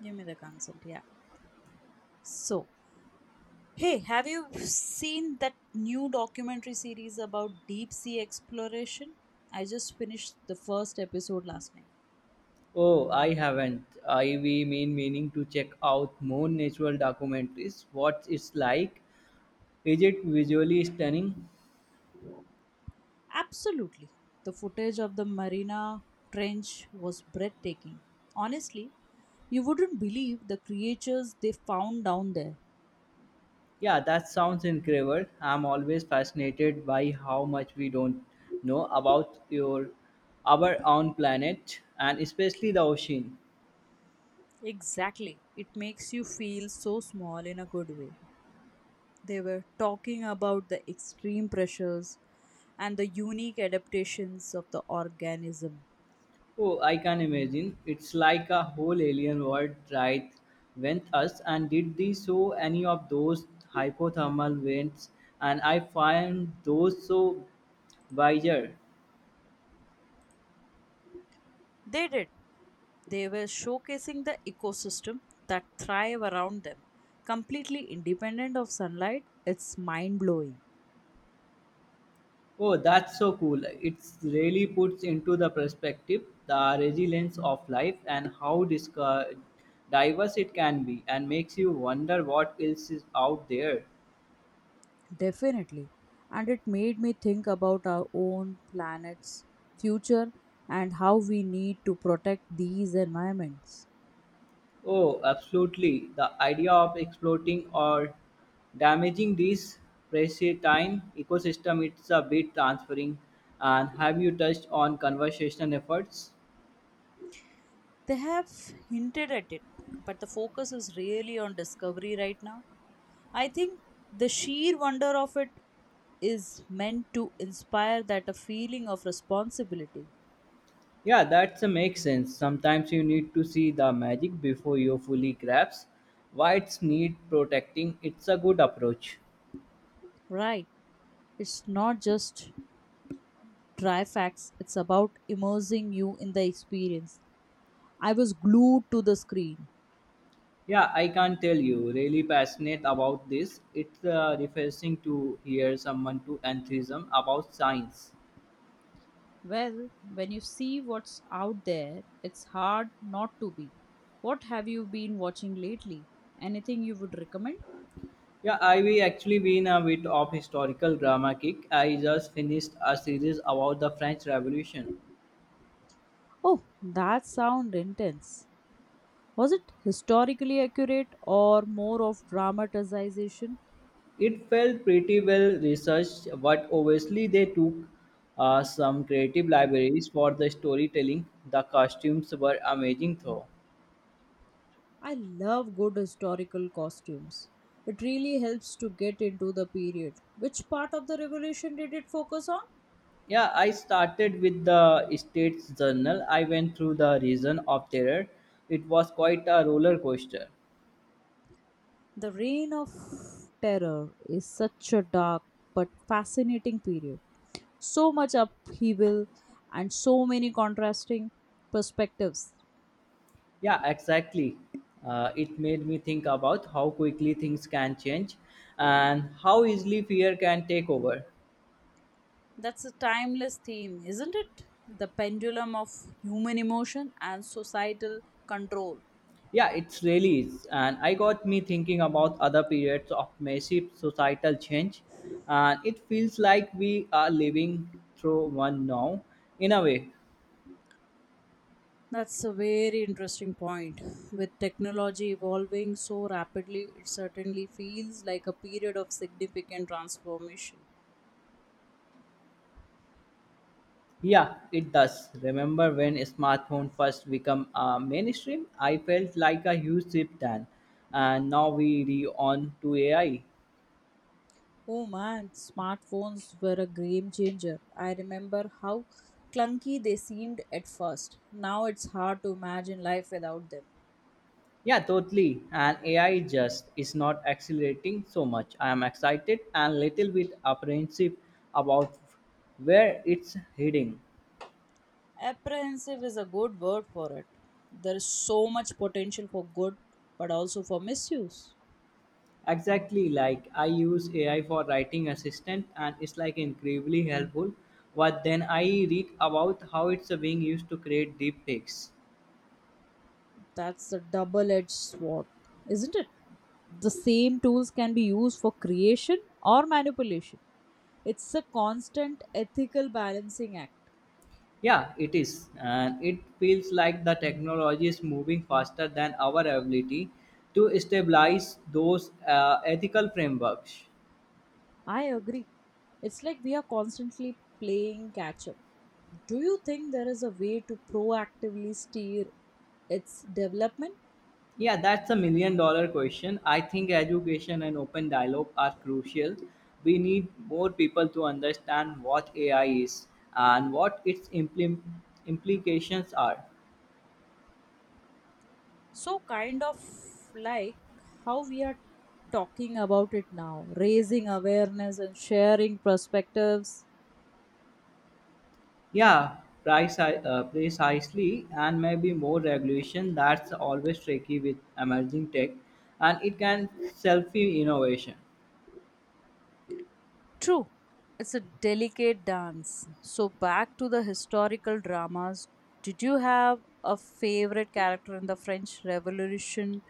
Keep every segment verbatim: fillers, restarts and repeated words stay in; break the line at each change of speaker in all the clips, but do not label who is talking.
Give me the concept. Yeah. So, hey, have you seen that new documentary series about deep sea exploration? I just finished the first episode last night.
Oh, I haven't. I we mean meaning to check out more natural documentaries. What it's like? Is it visually stunning?
Absolutely. The footage of the Mariana Trench was breathtaking. Honestly, you wouldn't believe the creatures they found down there.
Yeah, that sounds incredible. I'm always fascinated by how much we don't know about your our own planet and especially the ocean.
Exactly. It makes you feel so small in a good way. They were talking about the extreme pressures and the unique adaptations of the organism.
Oh, I can imagine. It's like a whole alien world right went us, and did they show any of those hypothermal vents, and I find those so Wiser.
They did. They were showcasing the ecosystem that thrive around them, completely independent of sunlight. It's mind blowing.
Oh, that's so cool. It's really puts into the perspective the resilience of life and how disca- diverse it can be and makes you wonder what else is out there.
Definitely. And it made me think about our own planet's future and how we need to protect these environments.
Oh, absolutely. The idea of exploiting or damaging these pristine ecosystem, it's a bit transferring. And have you touched on conservation efforts?
They have hinted at it, but the focus is really on discovery right now. I think the sheer wonder of it is meant to inspire that a feeling of responsibility.
Yeah, that makes sense. Sometimes you need to see the magic before you fully grasp why it's need protecting. It's a good approach.
Right. It's not just dry facts, it's about immersing you in the experience. I was glued to the screen.
Yeah, I can't tell you. Really passionate about this. It's uh, refreshing to hear someone to enthusiasm about science.
Well, when you see what's out there, it's hard not to be. What have you been watching lately? Anything you would recommend?
Yeah, I we actually been a bit of historical drama kick. I just finished a series about the French Revolution.
Oh, that sound intense. Was it historically accurate or more of dramatization?
It felt pretty well researched, but obviously they took uh, some creative libraries for the storytelling. The costumes were amazing, though.
I love good historical costumes. It really helps to get into the period. Which part of the revolution did it focus on?
Yeah, I started with the State's Journal. I went through the region of terror. It was quite a roller coaster.
The Reign of Terror is such a dark but fascinating period. So much upheaval and so many contrasting perspectives.
Yeah, exactly. Uh, it made me think about how quickly things can change and how easily fear can take over.
That's a timeless theme, isn't it? The pendulum of human emotion and societal control.
Yeah, it's really is. And I got me thinking about other periods of massive societal change. And it feels like we are living through one now, in a way.
That's a very interesting point. With technology evolving so rapidly, it certainly feels like a period of significant transformation.
Yeah, it does. Remember when smartphone first become uh, mainstream? I felt like a huge shift then. And now we re on to A I.
Oh man, smartphones were a game changer. I remember how clunky they seemed at first. Now it's hard to imagine life without them.
Yeah, totally. And A I just is not accelerating so much. I am excited and little bit apprehensive about where it's heading.
Apprehensive is a good word for it. There is so much potential for good, but also for misuse.
Exactly, like I use A I for writing assistant and it's like incredibly helpful. But then I read about how it's being used to create deep fakes.
That's a double edged sword, isn't it? The same tools can be used for creation or manipulation. It's a constant ethical balancing act.
Yeah, it is. And it feels like the technology is moving faster than our ability to stabilize those uh, ethical frameworks.
I agree. It's like we are constantly playing catch up. Do you think there is a way to proactively steer its development?
Yeah, that's a million dollar question. I think education and open dialogue are crucial. We need more people to understand what A I is and what its implim- implications are.
So, kind of like how we are talking about it now, raising awareness and sharing perspectives.
Yeah, preci- uh, precisely, and maybe more regulation. That's always tricky with emerging tech, and it can selfie innovation.
True, it's a delicate dance. So, back to the historical dramas. Did you have a favorite character in the French Revolution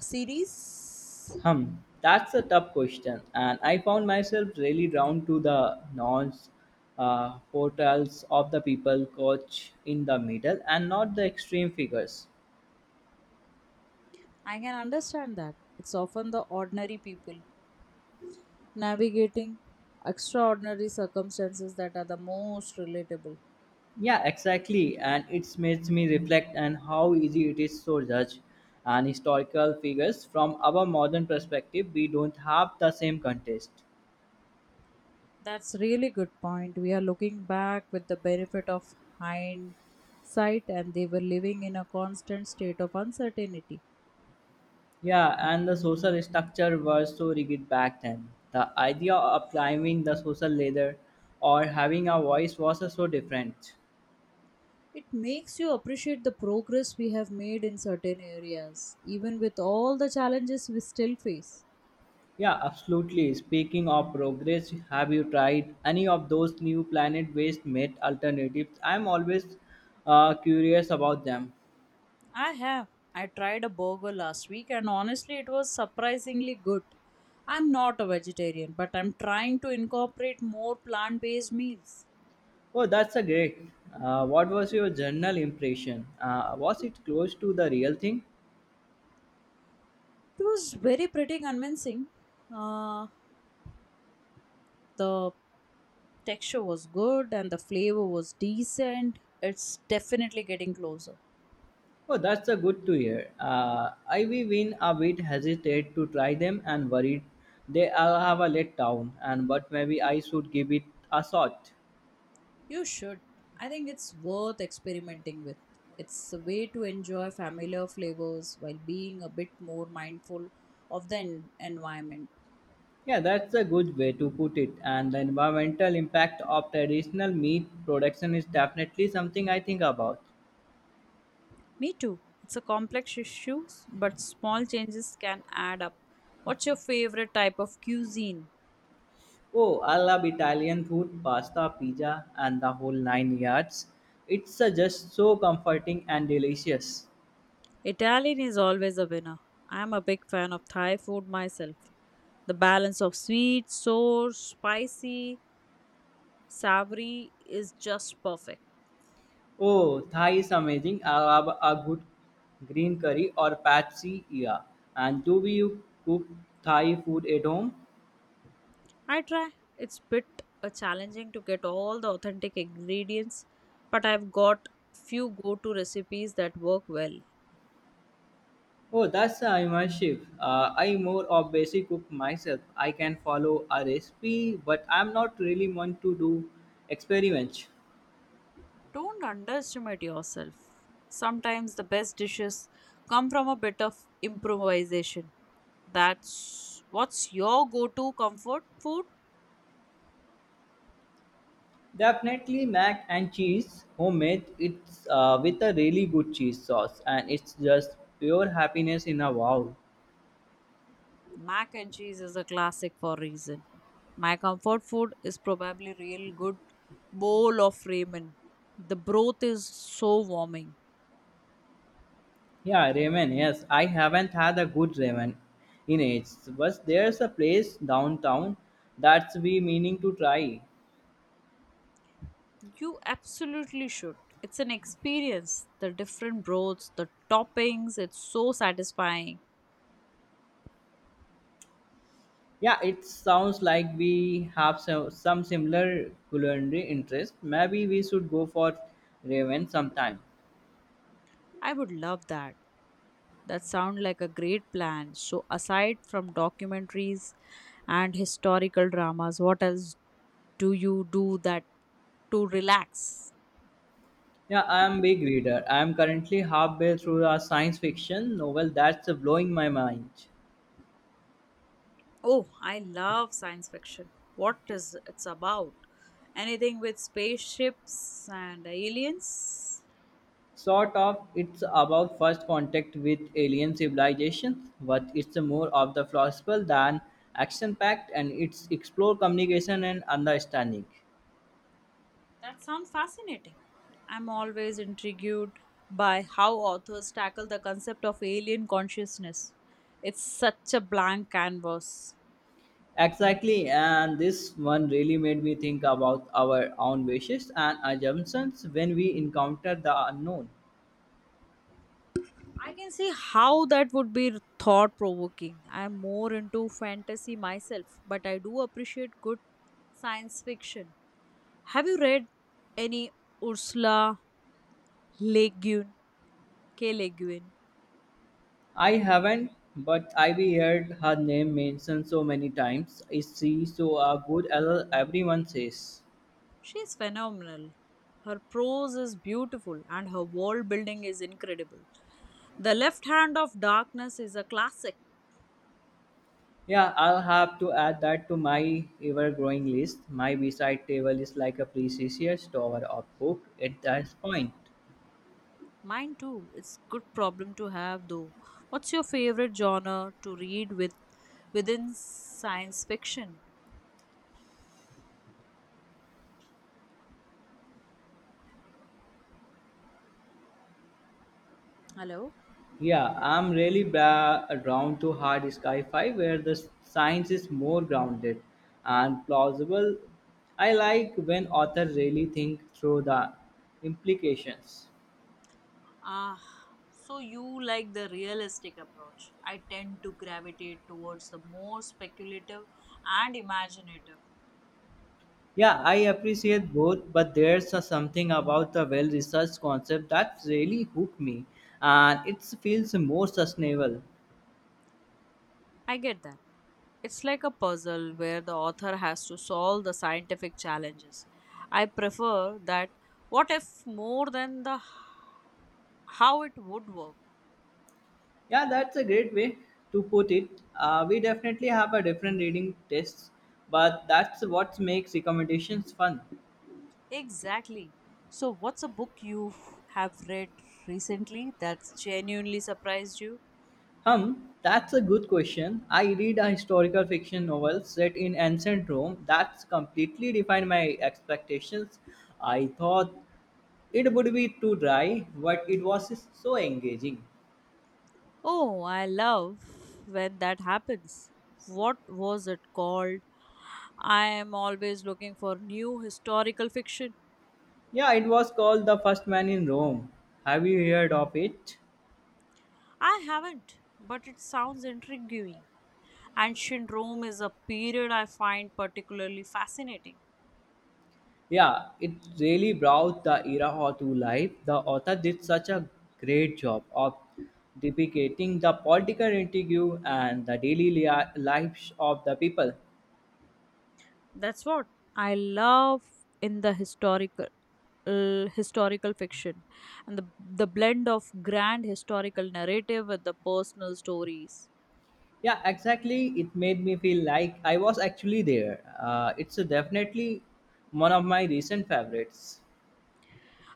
series?
Hmm, that's a tough question, and I found myself really drawn to the nuanced uh, portrayals of the people coach in the middle and not the extreme figures.
I can understand that. It's often the ordinary people navigating extraordinary circumstances that are the most relatable.
Yeah, exactly, and it makes me reflect on how easy it is to judge and historical figures from our modern perspective. We don't have the same context.
That's really good point. We are looking back with the benefit of hindsight and they were living in a constant state of uncertainty.
Yeah, and the social structure was so rigid back then. The idea of climbing the social ladder or having a voice was so different.
It makes you appreciate the progress we have made in certain areas, even with all the challenges we still face.
Yeah, absolutely. Speaking of progress, have you tried any of those new planet-based met alternatives? I'm always uh, curious about them.
I have. I tried a burger last week and honestly, it was surprisingly good. I'm not a vegetarian, but I'm trying to incorporate more plant based meals.
Oh, that's a great. Uh, what was your general impression? Uh, was it close to the real thing?
It was very pretty convincing. Uh, the texture was good and the flavor was decent. It's definitely getting closer.
Oh, that's a good to hear. Uh, Ivy been a bit hesitate to try them and worried they will have a let down. And but maybe I should give it a shot.
You should. I think it's worth experimenting with. It's a way to enjoy familiar flavors while being a bit more mindful of the en- environment.
Yeah, that's a good way to put it. And the environmental impact of traditional meat production is definitely something I think about.
Me too. It's a complex issue, but small changes can add up. What's your favorite type of cuisine?
Oh, I love Italian food, pasta, pizza, and the whole nine yards. It's uh, just so comforting and delicious.
Italian is always a winner. I'm a big fan of Thai food myself. The balance of sweet, sour, spicy, savory is just perfect.
Oh, Thai is amazing. I love a good green curry or pad see ear. And do you cook Thai food at home?
I try. It's bit uh, challenging to get all the authentic ingredients, but I've got few go-to recipes that work well.
Oh, that's uh, immersive. Uh, I more of basic cook myself. I can follow a recipe, but I'm not really one to do experiments.
Don't underestimate yourself. Sometimes the best dishes come from a bit of improvisation. That's what's your go-to comfort food?
Definitely mac and cheese, homemade. It's uh, with a really good cheese sauce, and it's just pure happiness in a wow.
Mac and cheese is a classic for a reason. My comfort food is probably real good bowl of ramen. The broth is so warming.
Yeah, ramen. Yes, I haven't had a good ramen in ages, but there's a place downtown that's we meaning to try.
You absolutely should. It's an experience. The different broths, the toppings, it's so satisfying.
Yeah, it sounds like we have some, some similar culinary interest. Maybe we should go for ramen sometime.
I would love that. That sounds like a great plan. So aside from documentaries and historical dramas, what else do you do that to relax?
Yeah, I am big reader. I am currently halfway through a science fiction novel that's blowing my mind.
Oh, I love science fiction. What is it's about? Anything with spaceships and aliens?
Sort of. It's about first contact with alien civilizations, but it's more of the philosophical than action-packed, and it's explore communication and understanding.
That sounds fascinating. I'm always intrigued by how authors tackle the concept of alien consciousness. It's such a blank canvas.
Exactly, and this one really made me think about our own wishes and assumptions when we encounter the unknown.
I can see how that would be thought provoking. I'm more into fantasy myself, but I do appreciate good science fiction. Have you read any Ursula Le Guin? K. Le Guin?
I haven't, but I've heard her name mentioned so many times. Is she so a good as everyone says?
She's phenomenal. Her prose is beautiful and her world building is incredible. The Left Hand of Darkness is a classic.
Yeah, I'll have to add that to my ever growing list. My beside table is like a precious tower of book at that point.
Mine too. It's good problem to have though. What's your favorite genre to read with within science fiction? Hello?
Yeah, I'm really bra- drawn to hard sci fi where the science is more grounded and plausible. I like when authors really think through the implications.
Ah, so you like the realistic approach. I tend to gravitate towards the more speculative and imaginative.
Yeah, I appreciate both, but there's a something about the well researched concept that really hooked me and it feels more sustainable.
I get that. It's like a puzzle where the author has to solve the scientific challenges. I prefer that what if more than the h- how it would work.
Yeah, that's a great way to put it. Uh, we definitely have a different reading tests, but that's what makes recommendations fun.
Exactly. So, what's a book you have read recently that's genuinely surprised you?
Hum, that's a good question. I read a historical fiction novel set in ancient Rome that's completely defined my expectations. I thought it would be too dry, but it was so engaging.
Oh, I love when that happens. What was it called? I am always looking for new historical fiction.
Yeah, it was called The First Man in Rome. Have you heard of it?
I haven't, but it sounds intriguing. Ancient Rome is a period I find particularly fascinating.
Yeah, it really brought the era ho- to life. The author did such a great job of depicting the political intrigue and the daily lia- lives of the people.
That's what I love in the historical uh, historical fiction and the, the blend of grand historical narrative with the personal stories.
Yeah, exactly. It made me feel like I was actually there. Uh, it's a definitely one of my recent favorites.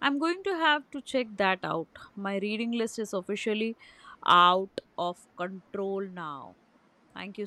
I'm going to have to check that out. My reading list is officially out of control now. Thank you